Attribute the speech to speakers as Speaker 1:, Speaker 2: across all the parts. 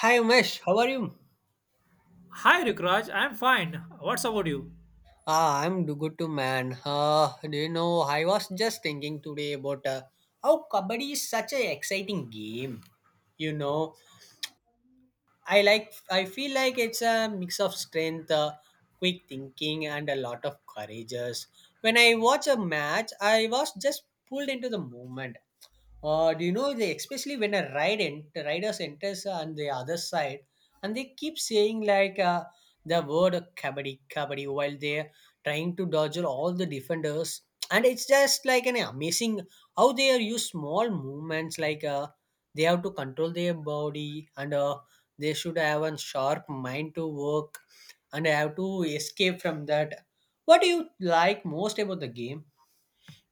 Speaker 1: Hi Umesh, how are you?
Speaker 2: Hi Rukraj, I'm fine. What's about you?
Speaker 1: Good too, man. Do you know, I was just thinking today about how kabaddi is such an exciting game. You know, I feel like it's a mix of strength, quick thinking, and a lot of courageous. When I watch a match, I was just pulled into the moment. Do you know, they especially when riders enters on the other side, and they keep saying like the word kabaddi kabaddi while they're trying to dodge all the defenders. And it's just like an amazing how they are use small movements like they have to control their body, and they should have a sharp mind to work and have to escape from that. What do you like most about the game?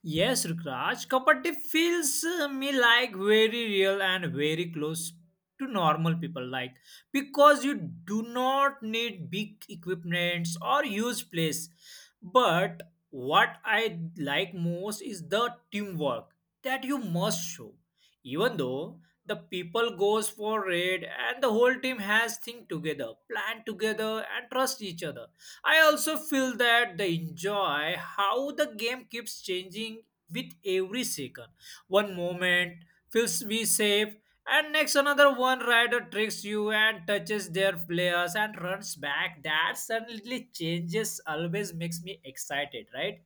Speaker 2: Yes, Rukraj, Kapati feels me like very real and very close to normal people like because you do not need big equipments or huge place. But what I like most is the teamwork that you must show. Even though the people goes for raid and the whole team has think together, plan together and trust each other. I also feel that they enjoy how the game keeps changing with every second. One moment feels we safe, and next another one rider tricks you and touches their players and runs back. That suddenly changes always makes me excited, right?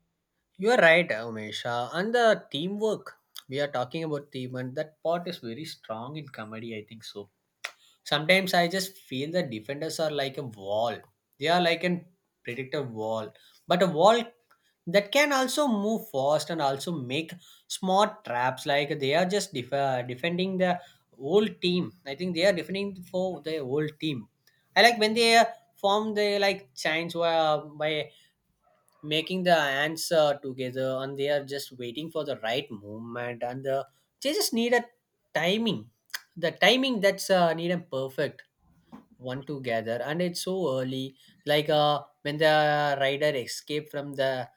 Speaker 1: You are right, Umesh. And the teamwork, we are talking about team, and that part is very strong in comedy, I think so. Sometimes I just feel the defenders are like a wall. They are like an predictive wall, but a wall that can also move fast and also make smart traps. Like they are just defending the whole team. I think they are defending for the whole team. I like when they form the like chains by making the ants together, and they are just waiting for the right movement. And they just need a timing the timing that's needed perfect one together. And it's so early, like when the rider escaped from the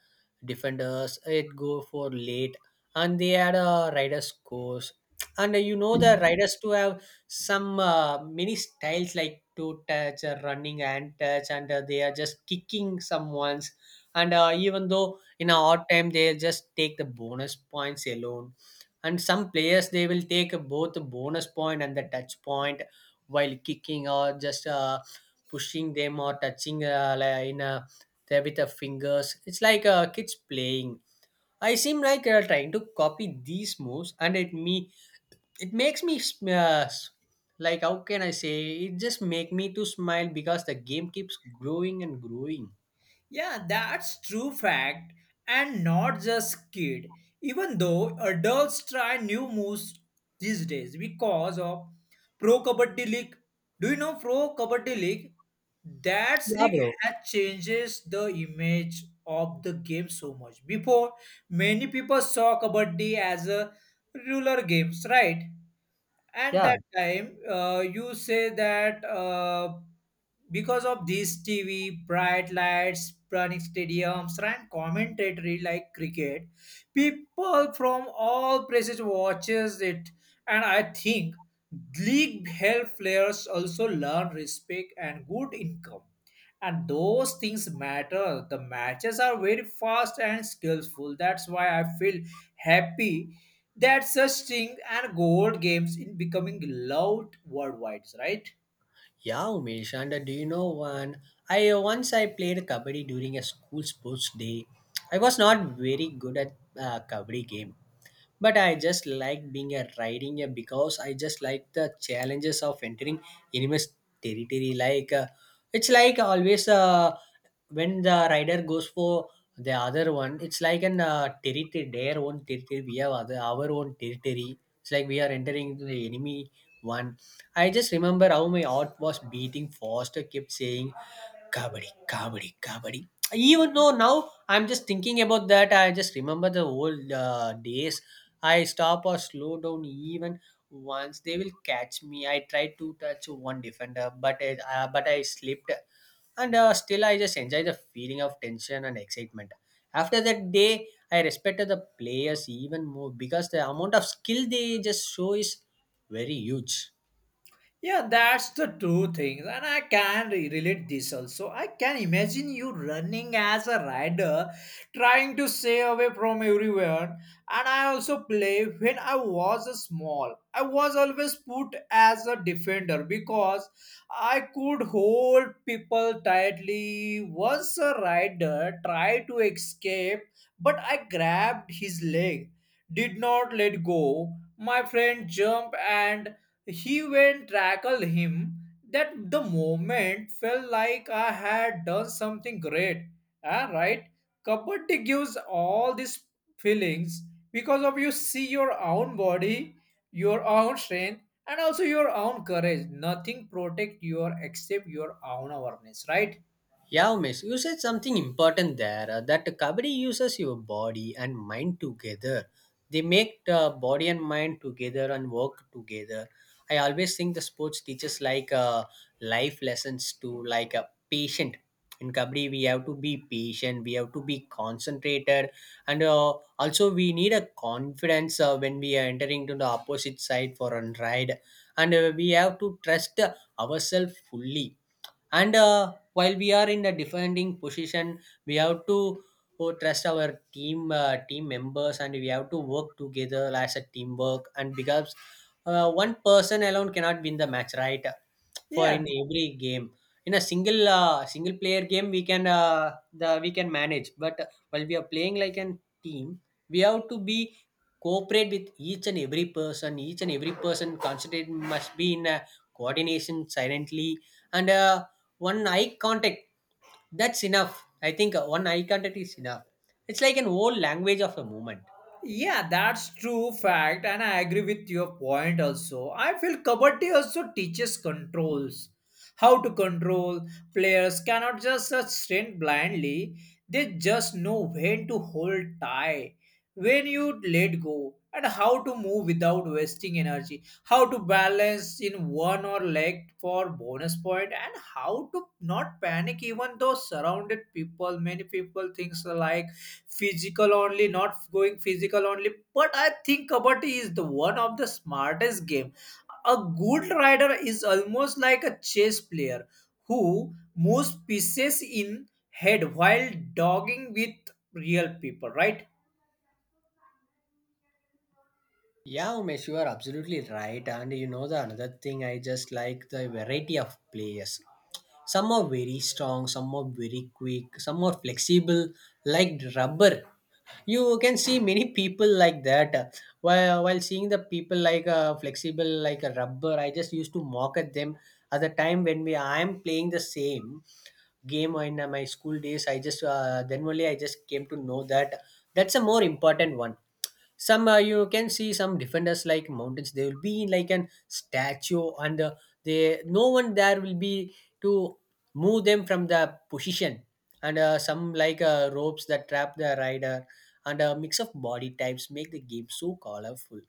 Speaker 1: defenders, it go for late, and they had a rider's course. And you know the riders to have some many styles like toe touch, running and touch, and they are just kicking someone's. And even though in a odd time they just take the bonus points alone, and some players they will take both the bonus point and the touch point, while kicking or just pushing them or touching, like in a there with the fingers. It's like kids playing. I seem like trying to copy these moves, and it makes me like how can I say, it just make me to smile because the game keeps growing and growing.
Speaker 2: Yeah, that's true fact, and not just kid. Even though adults try new moves these days because of Pro Kabaddi League. Do you know Pro Kabaddi League? That
Speaker 1: Yeah,
Speaker 2: league
Speaker 1: bro.
Speaker 2: has changes the image of the game so much. Before, many people saw Kabaddi as a ruler games, right? And
Speaker 1: Yeah.
Speaker 2: that time, you say that because of this TV, bright lights, running stadiums, and commentatory like cricket, people from all places watches it, and I think league help players also learn respect and good income. And those things matter. The matches are very fast and skillful. That's why I feel happy that such thing and gold games in becoming loved worldwide, right?
Speaker 1: Yeah, Umesh, and do you know one? I once I played kabaddi during a school sports day. I was not very good at kabaddi game, but I just like being a riding a, because I just like the challenges of entering enemy's territory, like it's like always, when the rider goes for the other one, it's like an territory, their own territory. We have other, our own territory. It's like we are entering into the enemy one. I just remember how my heart was beating faster, kept saying Kabaddi, kabaddi, kabaddi. Even though now I'm just thinking about that, I just remember the old days. I stop or slow down even once, they will catch me. I tried to touch one defender, but I slipped, and still I just enjoy the feeling of tension and excitement. After that day, I respected the players even more because the amount of skill they just show is very huge.
Speaker 2: Yeah, that's the two things, and I can relate this also. I can imagine you running as a rider, trying to stay away from everyone. And I also play when I was a small. I was always put as a defender because I could hold people tightly. Once a rider tried to escape, but I grabbed his leg, did not let go. My friend jumped and he went tackled him. That the moment felt like I had done something great. Ah, right? Kabaddi gives all these feelings because of you see your own body, your own strength, and also your own courage. Nothing protect you except your own awareness, right?
Speaker 1: Yeah, miss, you said something important there, that Kabaddi uses your body and mind together. They make the body and mind together and work together. I always think the sports teaches like life lessons, to like a patient. In Kabaddi, we have to be patient, we have to be concentrated, and also we need a confidence when we are entering to the opposite side for a ride. And we have to trust ourselves fully, and while we are in the defending position, we have to trust our team members, and we have to work together as a teamwork, and because one person alone cannot win the match, right? For in
Speaker 2: Yeah.
Speaker 1: every game, in a single player game, we can, the we can manage. But while we are playing like a team, we have to be cooperate with each and every person. Each and every person concentrate must be in a coordination silently. And one eye contact, that's enough. I think one eye contact is enough. It's like an old language of a moment.
Speaker 2: Yeah, that's true fact, and I agree with your point also. I feel Kabaddi also teaches controls. How to control. Players cannot just strength blindly. They just know when to hold tight, when you let go, and how to move without wasting energy. How to balance in one or leg for bonus point, and how to not panic even though surrounded people. Many people thinks like physical only not going physical only, but I think kabaddi is the one of the smartest game. A good rider is almost like a chess player who moves pieces in head while dogging with real people, right?
Speaker 1: Yeah, Umesh, you are absolutely right. And you know the another thing, I just like the variety of players. Some are very strong, some are very quick, some are flexible like rubber. You can see many people like that. While seeing the people like flexible like a rubber, I just used to mock at them at the time when we I am playing the same game in my school days. I just, then only I just came to know that that's a more important one. Some You can see some defenders like mountains. They will be like an statue, and they, no one there will be to move them from the position. And some like ropes that trap the rider. And a mix of body types make the game so colorful.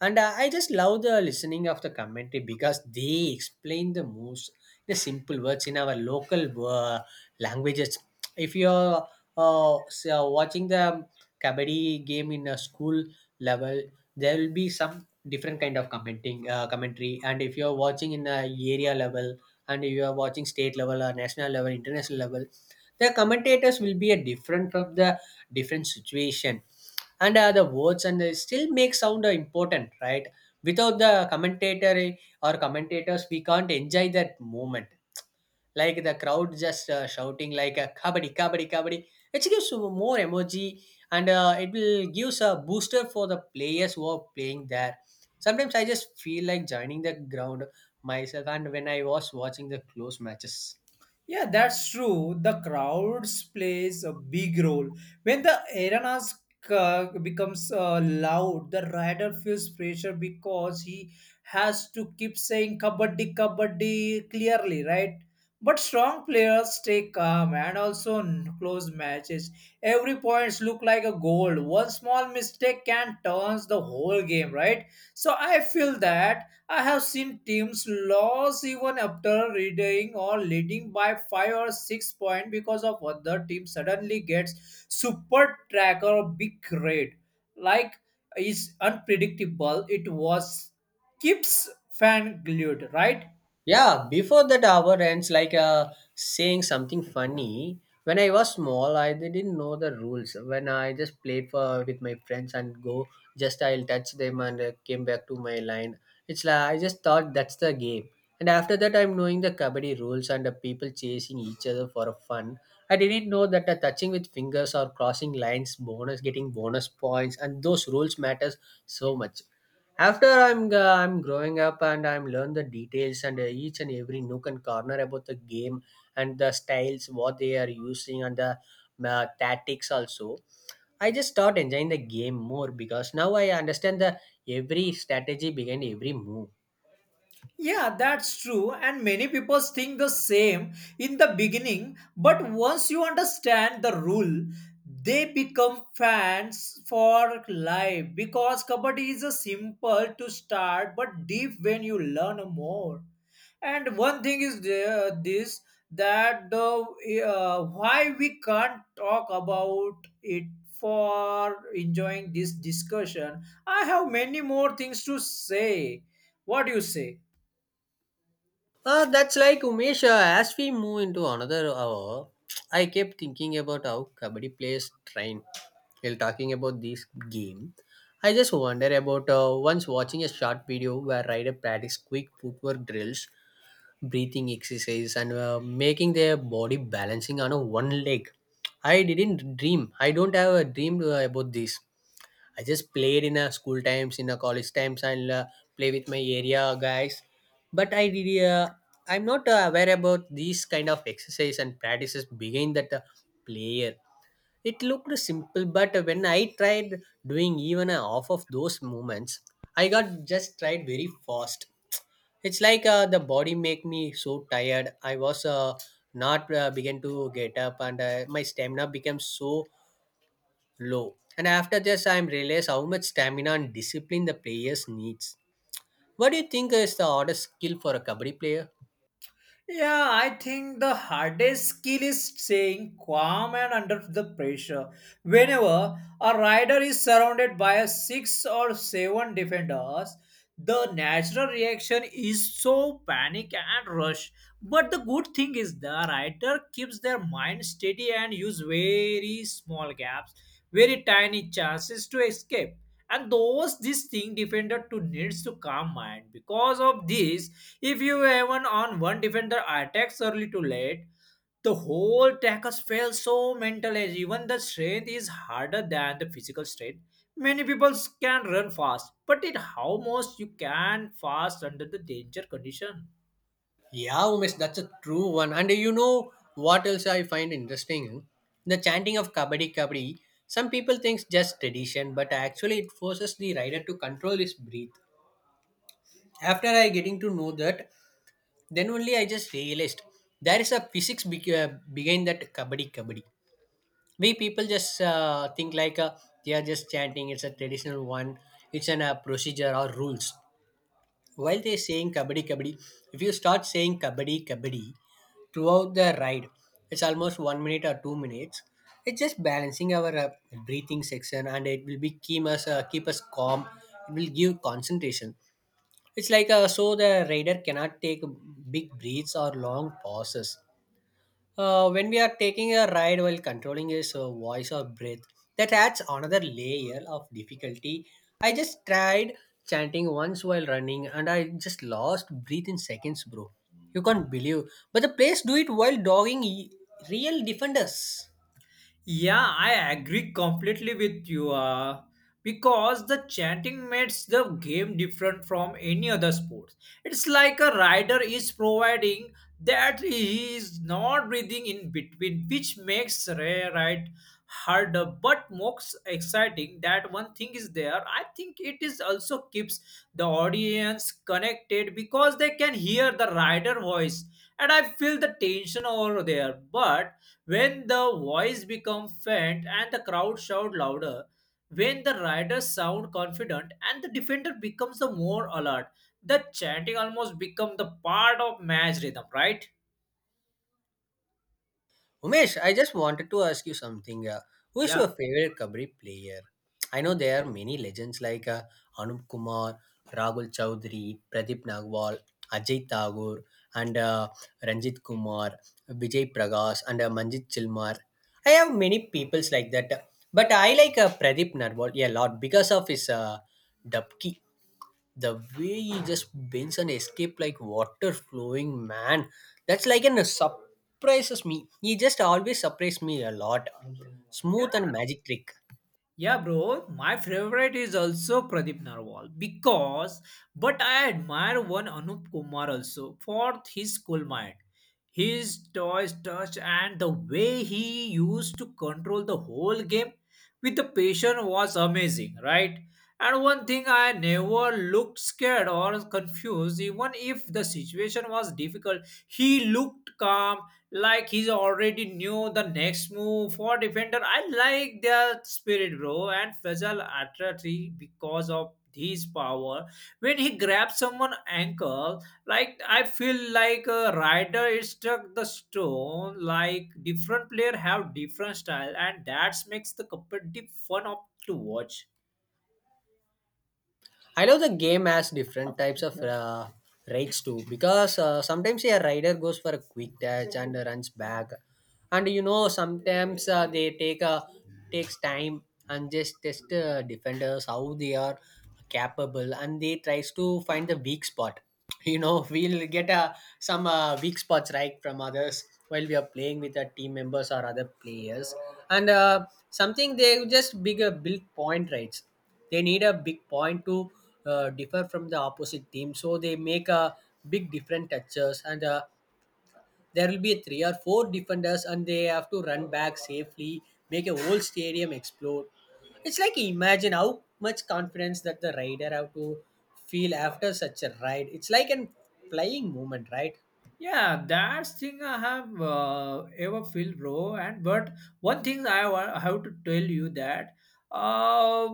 Speaker 1: And I just love the listening of the commentary because they explain the most the simple words in our local uh, languages. If you're so watching the kabaddi game in a school level, there will be some different kind of commenting uh, commentary. And if you're watching in a area level, and if you are watching state level or national level, international level, the commentators will be a different from the different situation. And the words and they still make sound important, right? Without the commentator or commentators we can't enjoy that moment. Like the crowd just shouting like kabaddi kabaddi kabaddi, which gives you more emoji. And it will gives a booster for the players who are playing there. Sometimes I just feel like joining the ground myself, and when I was watching the close matches.
Speaker 2: Yeah, that's true. The crowds plays a big role. When the arenas becomes loud, the rider feels pressure because he has to keep saying kabaddi, kabaddi clearly, right? But strong players stay calm and also close matches. Every points look like a goal. One small mistake can turns the whole game, right? So I feel that I have seen teams lose even after reading or leading by 5 or 6 points because of other team suddenly gets super tracker or big raid. Like is unpredictable. It was keeps fan glued, right?
Speaker 1: Yeah, before that hour ends, like saying something funny. When I was small, I didn't know the rules. When I just played for with my friends and go, just I'll touch them, and came back to my line. It's like I just thought that's the game. And after that, I'm knowing the kabaddi rules and the people chasing each other for a fun. I didn't know that the touching with fingers or crossing lines, bonus getting bonus points, and those rules matters so much. After I'm growing up and I'm learn the details, and each and every nook and corner about the game, and the styles what they are using, and the tactics also, I just start enjoying the game more because now I understand the every strategy behind every move.
Speaker 2: Yeah, that's true. And many people think the same in the beginning, but once you understand the rule, they become fans for life because kabaddi is a simple to start but deep when you learn more. And one thing is there, this that the why we can't talk about it for enjoying this discussion. I have many more things to say. What do you say?
Speaker 1: That's like Umesh. As we move into another hour, I kept thinking about how Kabaddi plays train. While talking about this game, I just wonder about once watching a short video where rider practice quick footwork drills, breathing exercise, and making their body balancing on a one leg. I didn't dream. I don't have a dream about this. I just played in a school times, in a college times, and play with my area guys. But I did. I'm not aware about these kind of exercise and practices behind that player. It looked simple, but when I tried doing even a half of those movements, I got just tried very fast. It's like the body make me so tired. I was not begin to get up, and my stamina became so low. And after this, I realized how much stamina and discipline the players needs. What do you think is the hardest skill for a kabaddi player?
Speaker 2: Yeah, I think the hardest skill is staying calm and under the pressure. Whenever a rider is surrounded by a six or seven defenders, the natural reaction is so panic and rush. But the good thing is the rider keeps their mind steady and use very small gaps, very tiny chances to escape, and those this thing defender to needs to calm mind because of this, if you even on one defender attacks early to late, the whole tackles fail. So mental edge even the strength is harder than the physical strength. Many people can run fast, but it how most you can fast under the danger condition.
Speaker 1: Yeah, Umesh, that's a true one. And you know what else I find interesting? The chanting of Kabaddi Kabaddi. Some people think just tradition, but actually it forces the rider to control his breath. After I getting to know that, then only I just realized there is a physics behind that Kabaddi Kabaddi. We people just think like they are just chanting. It's a traditional one. It's an procedure or rules. While they saying Kabaddi Kabaddi, if you start saying Kabaddi Kabaddi, throughout the ride, it's almost 1 minute or 2 minutes. It's just balancing our breathing section, and it will be keep us calm. It will give concentration. It's like so the rider cannot take big breaths or long pauses, when we are taking a ride while controlling his voice or breath, that adds another layer of difficulty. I just tried chanting once while running and I just lost breath in seconds, bro. You can't believe. But the players do it while real defenders.
Speaker 2: Yeah, I agree completely with you. Because the chanting makes the game different from any other sports. It's like a rider is providing that he is not breathing in between, which makes ride harder but most exciting. That one thing is there. I think it is also keeps the audience connected because they can hear the rider voice, and I feel the tension over there. But when the voice become faint and the crowd shout louder, when the riders sound confident and the defender becomes the more alert, the chanting almost become the part of match rhythm, right?
Speaker 1: Umesh, I just wanted to ask you something. Who is
Speaker 2: Yeah.
Speaker 1: your favorite kabaddi player? I know there are many legends like Anup Kumar, Rahul Chaudhary, Pradeep Nagwal, Ajay Thakur, and Ranjit Kumar, Vijay Prakash, and Manjit Chilmar. I have many peoples like that, but I like Pradeep Nagwal a lot because of his dubki, the way he just bends and escape like water flowing, man. That's like an surprises me, he just always surprises me a lot, smooth and magic trick.
Speaker 2: Yeah, bro, my favorite is also Pradeep Narwal because, but I admire one Anup Kumar also for his cool mind, his toys touch, and the way he used to control the whole game with the patience was amazing, right? And one thing I never looked scared or confused, even if the situation was difficult, he looked calm like he's already knew the next move for defender. I like their spirit, bro, and Faisal Atrati because of his power. When he grabs someone ankle, like I feel like a rider is struck the stone. Like different player have different style, and that makes the competitive fun of to watch.
Speaker 1: I love the game has different types of raids too, because sometimes a rider goes for a quick dash and runs back, and you know sometimes they takes time and just test defenders how they are capable and they tries to find the weak spot. You know, we'll get some weak spots right from others while we are playing with our team members or other players. And something they just big build point rights, they need a big point to differ from the opposite team, so they make a big different touches. And there will be three or four defenders and they have to run back safely, make a whole stadium explode. It's like, imagine how much confidence that the rider have to feel after such a ride. It's like an flying moment, right?
Speaker 2: Yeah, that's thing I have ever feel, bro. And but one thing I have to tell you that uh,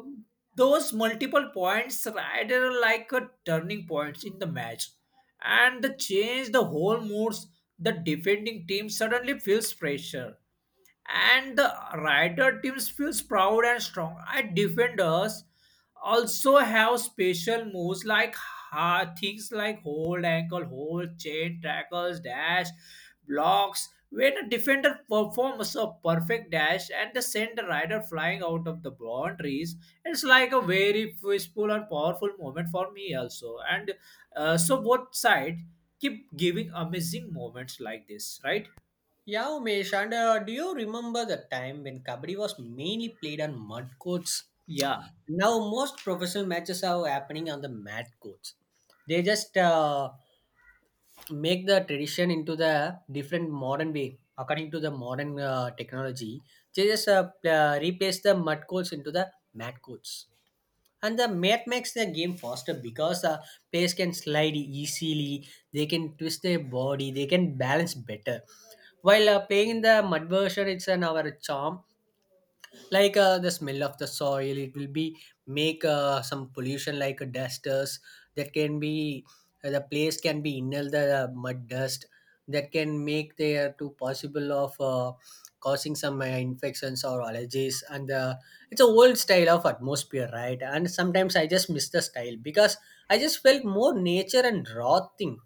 Speaker 2: those multiple points rather like a turning points in the match, and the change the whole moods. The defending team suddenly feels pressure, and the rider teams feels proud and strong. And defenders also have special moves like things like hold ankle, hold chain, tackles, dash, blocks. When a defender performs a perfect dash and they send the rider flying out of the boundaries, it's like a very peaceful and powerful moment for me also. And so both sides keep giving amazing moments like this, right?
Speaker 1: Yeah, Umesh, and do you remember the time when kabaddi was mainly played on mud courts?
Speaker 2: Yeah.
Speaker 1: Now most professional matches are happening on the mat courts. They just make the tradition into the different modern way, according to the modern technology. They just replace the mud codes into the mat codes, and the mat makes the game faster because the players can slide easily, they can twist their body, they can balance better. While playing in the mud version, it's an our charm, like the smell of the soil. It will be make some pollution like dusters, that can be the place can be inhale the mud dust, that can make there to possible of causing some infections or allergies. And it's a old style of atmosphere, right? And sometimes I just miss the style, because I just felt more nature and raw thing.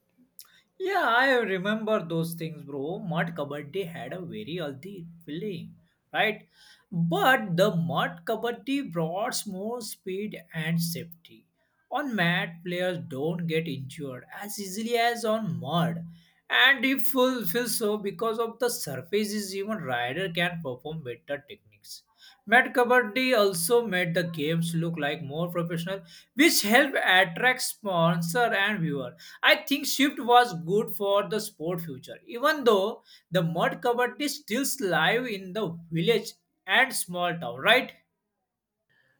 Speaker 2: Yeah, I remember those things, bro. Mud Kabaddi had a very healthy feeling, right? But the Mud Kabaddi brought more speed and safety. On mat, players don't get injured as easily as on mud. And if feels so because of the surface is even rider can perform better techniques. Met Kabaddi also made the games look like more professional, which helped attract sponsor and viewer. I think shift was good for the sport future, even though the Mud Kabaddi still live in the village and small town, right?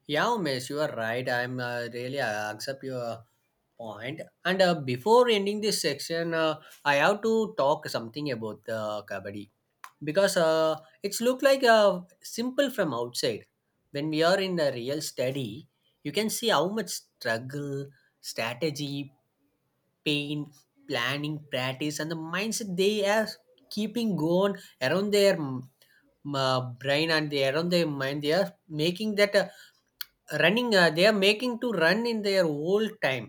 Speaker 1: Yeah, Umesh, you are right. I'm really I accept your point. And before ending this section, I have to talk something about the kabaddi, because it's look like simple from outside. When we are in the real study, you can see how much struggle, strategy, pain, planning, practice, and the mindset they are keeping going around their brain and they around their mind. They are making that. Running they are making to run in their whole time.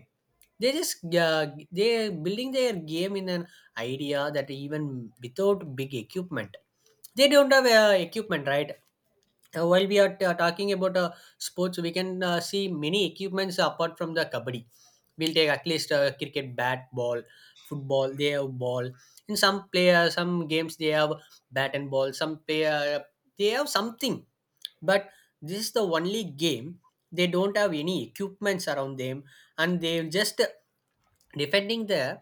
Speaker 1: They just they building their game in an idea that even without big equipment, they don't have equipment, right? While we are talking about sports, we can see many equipments apart from the kabaddi. We'll take at least cricket bat ball, football they have ball, in some player some games they have bat and ball, some player they have something, but this is the only game they don't have any equipments around them. And they're just defending the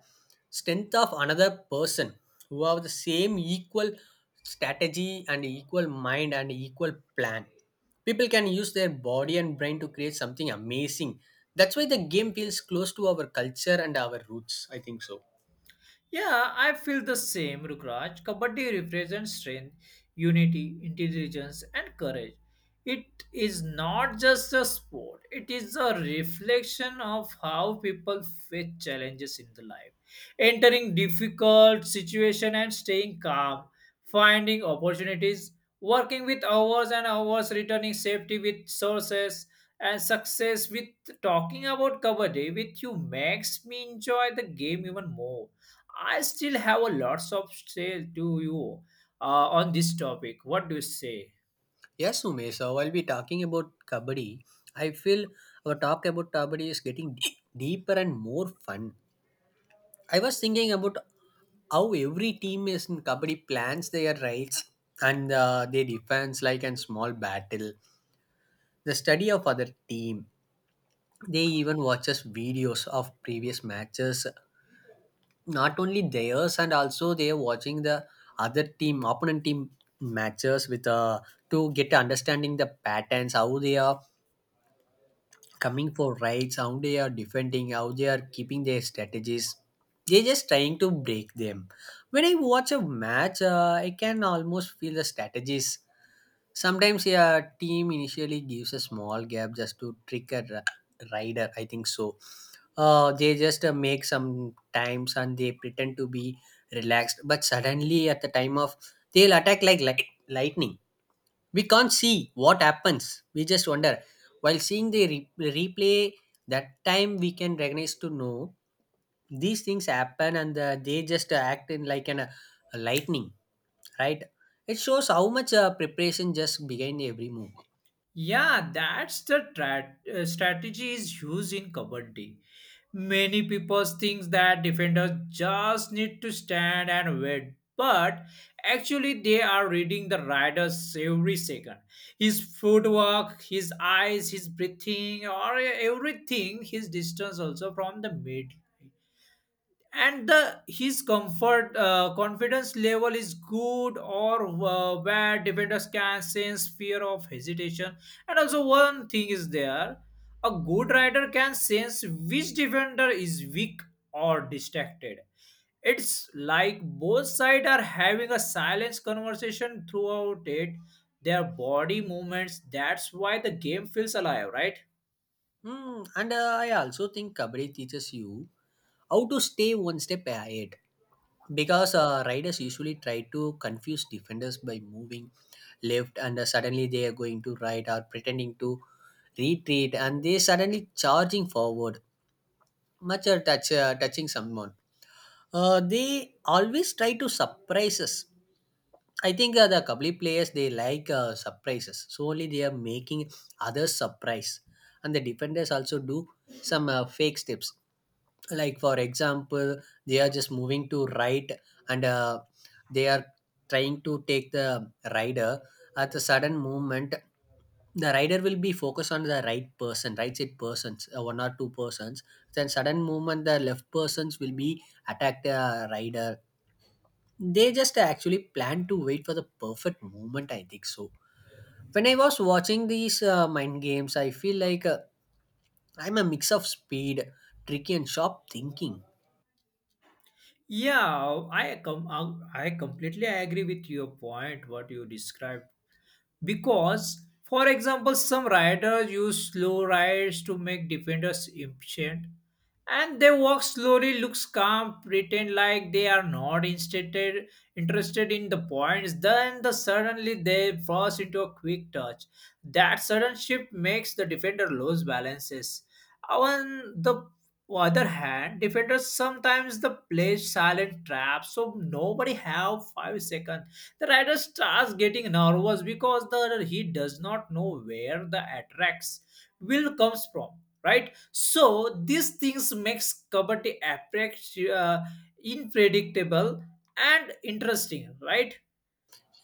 Speaker 1: strength of another person who have the same equal strategy and equal mind and equal plan. People can use their body and brain to create something amazing. That's why the game feels close to our culture and our roots, I think so.
Speaker 2: Yeah, I feel the same, Rukraj. Kabaddi represents strength, unity, intelligence, and courage. It is not just a sport, it is a reflection of how people face challenges in the life. Entering difficult situation and staying calm, finding opportunities, working with hours and hours, returning safety with sources, and success with talking about kabaddi with you makes me enjoy the game even more. I still have a lots of say to you on this topic. What do you say?
Speaker 1: Yes, Ume. So while we're talking about kabaddi, I feel our talk about kabaddi is getting deeper and more fun. I was thinking about how every team is in Kabaddi plans their rights and their defense like in small battle. The study of other team. They even watches videos of previous matches, not only theirs and also they are watching the other team, opponent team matches with to get understanding the patterns, how they are coming for rights, how they are defending, how they are keeping their strategies. They're just trying to break them. When I watch a match, I can almost feel the strategies. Sometimes a yeah, team initially gives a small gap just to trick a rider, I think so. They just make some times and they pretend to be relaxed, but suddenly at the time of they'll attack like light, lightning. We can't see what happens, we just wonder while seeing the replay. That time we can recognize to know these things happen. And they just act in like an a lightning, right? It shows how much preparation just behind every move.
Speaker 2: Yeah, that's the strategy is used in Kabaddi. Many people think that defenders just need to stand and wait, but actually they are reading the riders every second. His footwork, his eyes, his breathing, or everything, his distance also from the mid, and the his comfort confidence level is good or where defenders can sense fear of hesitation. And also one thing is there, a good rider can sense which defender is weak or distracted. It's like both sides are having a silent conversation throughout it, their body movements. That's why the game feels alive, right?
Speaker 1: Hmm, and I also think kabaddi teaches you how to stay one step ahead, because riders usually try to confuse defenders by moving left and suddenly they are going to right, or pretending to retreat and they suddenly charging forward, much or touch, touching someone. Uh, they always try to surprise us. I think the kabli players they like surprises, so only they are making others surprise. And the defenders also do some fake steps, like for example, they are just moving to right, and they are trying to take the rider at a sudden movement. The rider will be focused on the right person, right side persons one or two persons, then sudden movement the left persons will be attack the rider. They just actually plan to wait for the perfect moment, I think so. When I was watching these mind games, I feel like I'm a mix of speed, tricky and sharp thinking.
Speaker 2: Yeah, I completely agree with your point, what you described. Because, for example, some riders use slow rides to make defenders impatient, and they walk slowly, looks calm, pretend like they are not interested interested in the points. Then, the suddenly they burst into a quick touch. That sudden shift makes the defender lose balances. On the other hand, defenders sometimes the play silent trap, so nobody have 5 seconds the rider starts getting nervous because the he does not know where the attracts will comes from, right? So these things makes kabaddi approach unpredictable and interesting, right?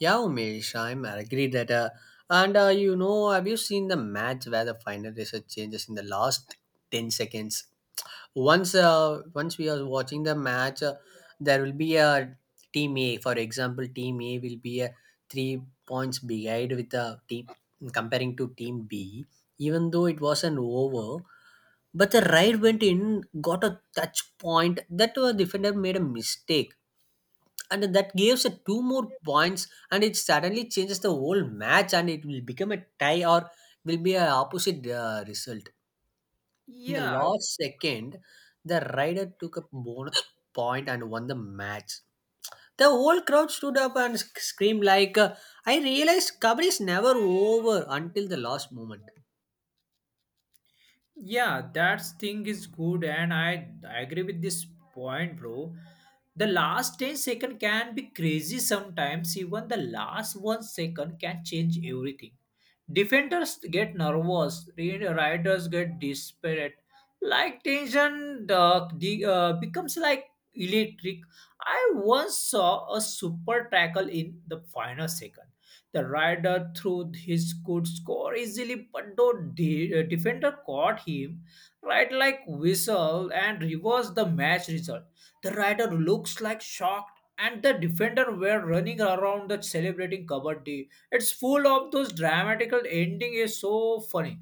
Speaker 1: Yeah, Umesh, I agree that, and you know, have you seen the match where the final result changes in the last 10 seconds? Once once we are watching the match, there will be a team a, for example team a will be a 3 points behind with the team comparing to team b. Even though it was an over, but the right went in got a touch point, that defender made a mistake, and that gives a two more points, and it suddenly changes the whole match and it will become a tie or will be a opposite result in the
Speaker 2: Yeah.
Speaker 1: last second. The rider took a bonus point and won the match. The whole crowd stood up and screamed like, I realized Kabaddi is never over until the last moment.
Speaker 2: Yeah, that thing is good, and I agree with this point, bro. The last 10-second can be crazy sometimes, even the last one second can change everything. Defenders get nervous, riders get desperate. Like tension, the becomes like electric. I once saw a super tackle in the final second the rider threw his good score easily, but though the defender caught him right like whistle and reversed the match result. The rider looks like shocked, and the defender were running around the celebrating Kabaddi. It's full of those dramatical ending is so funny.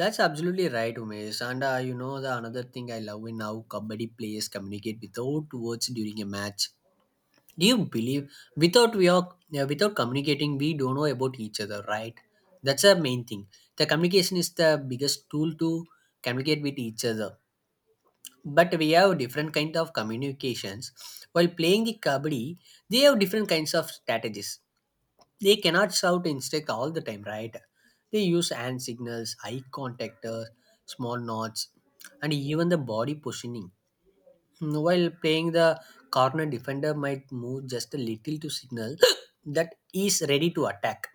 Speaker 1: That's absolutely right, Umesh. And you know, the another thing I love in how Kabaddi players communicate without words during a match. Do you believe, without communicating, we don't know about each other, right? That's the main thing. The communication is the biggest tool to communicate with each other, but we have different kind of communications. While playing the kabaddi, they have different kinds of strategies, they cannot shout instinct all the time, right? They use hand signals, eye contact, small nods, and even the body positioning. Mm, while playing, the corner defender might move just a little to signal that he is ready to attack.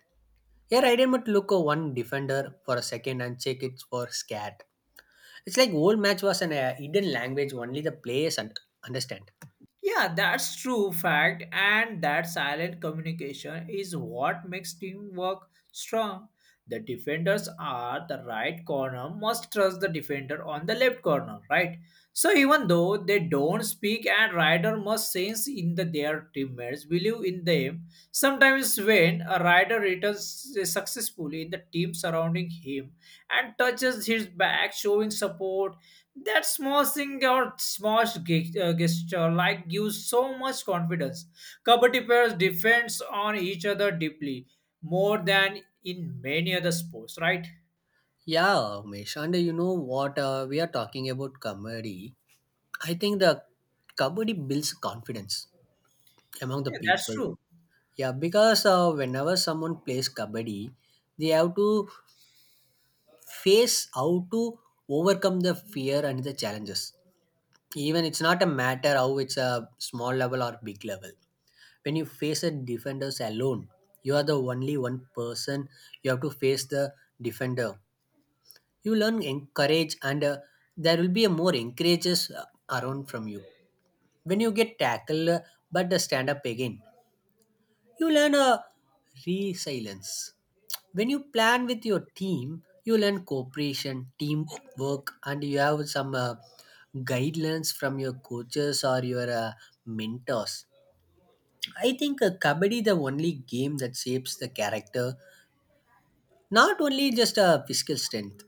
Speaker 1: Here I didn't look at one defender for a second and check it for scared. It's like whole match was an hidden language only the players understand.
Speaker 2: Yeah, that's true fact, and that silent communication is what makes teamwork strong. The defenders are the right corner must trust the defender on the left corner, right? So even though they don't speak and rider must sense in the their teammates, believe in them. Sometimes when a rider returns successfully in the team surrounding him and touches his back, showing support that small thing or small gesture like gives so much confidence. Kabaddi players depends on each other deeply more than in many other sports, right?
Speaker 1: Yeah, Umesh, and you know what? We are talking about Kabaddi. I think the Kabaddi builds confidence among the
Speaker 2: Yeah, that's
Speaker 1: people.
Speaker 2: true.
Speaker 1: Yeah, because whenever someone plays Kabaddi, they have to face how to overcome the fear and the challenges. Even it's not a matter how it's a small level or big level. When you face a defenders alone, you are the only one person, you have to face the defender. You learn encourage, and there will be a more encourages around from you when you get tackled, but stand up again, you learn a resilience. When you plan with your team, you learn cooperation, teamwork, and you have some guidelines from your coaches or your mentors. I think kabaddi the only game that shapes the character, not only just a physical strength.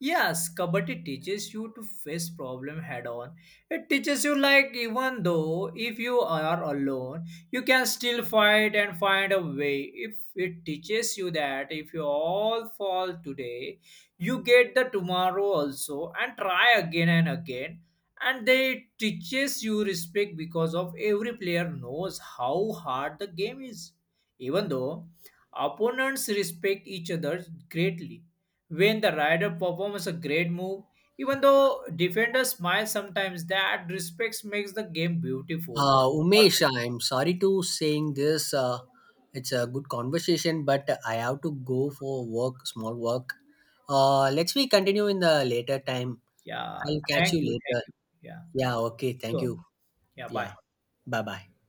Speaker 2: Yes, Kabaddi teaches you to face problem head on. It teaches you like even though if you are alone, you can still fight and find a way. If it teaches you that if you all fall today, you get the tomorrow also and try again and again. And they teaches you respect because of every player knows how hard the game is. Even though opponents respect each other greatly when the rider performs a great move, even though defenders smile sometimes, that respect makes the game beautiful.
Speaker 1: Umesh, I'm sorry to saying this. It's a good conversation, but I have to go for work, small work. Let's we continue in the later time.
Speaker 2: Yeah,
Speaker 1: I'll catch
Speaker 2: thank
Speaker 1: you
Speaker 2: you, thank
Speaker 1: later.
Speaker 2: you. Yeah,
Speaker 1: Yeah, okay. Thank
Speaker 2: sure.
Speaker 1: you.
Speaker 2: Yeah,
Speaker 1: Yeah,
Speaker 2: bye.
Speaker 1: bye bye.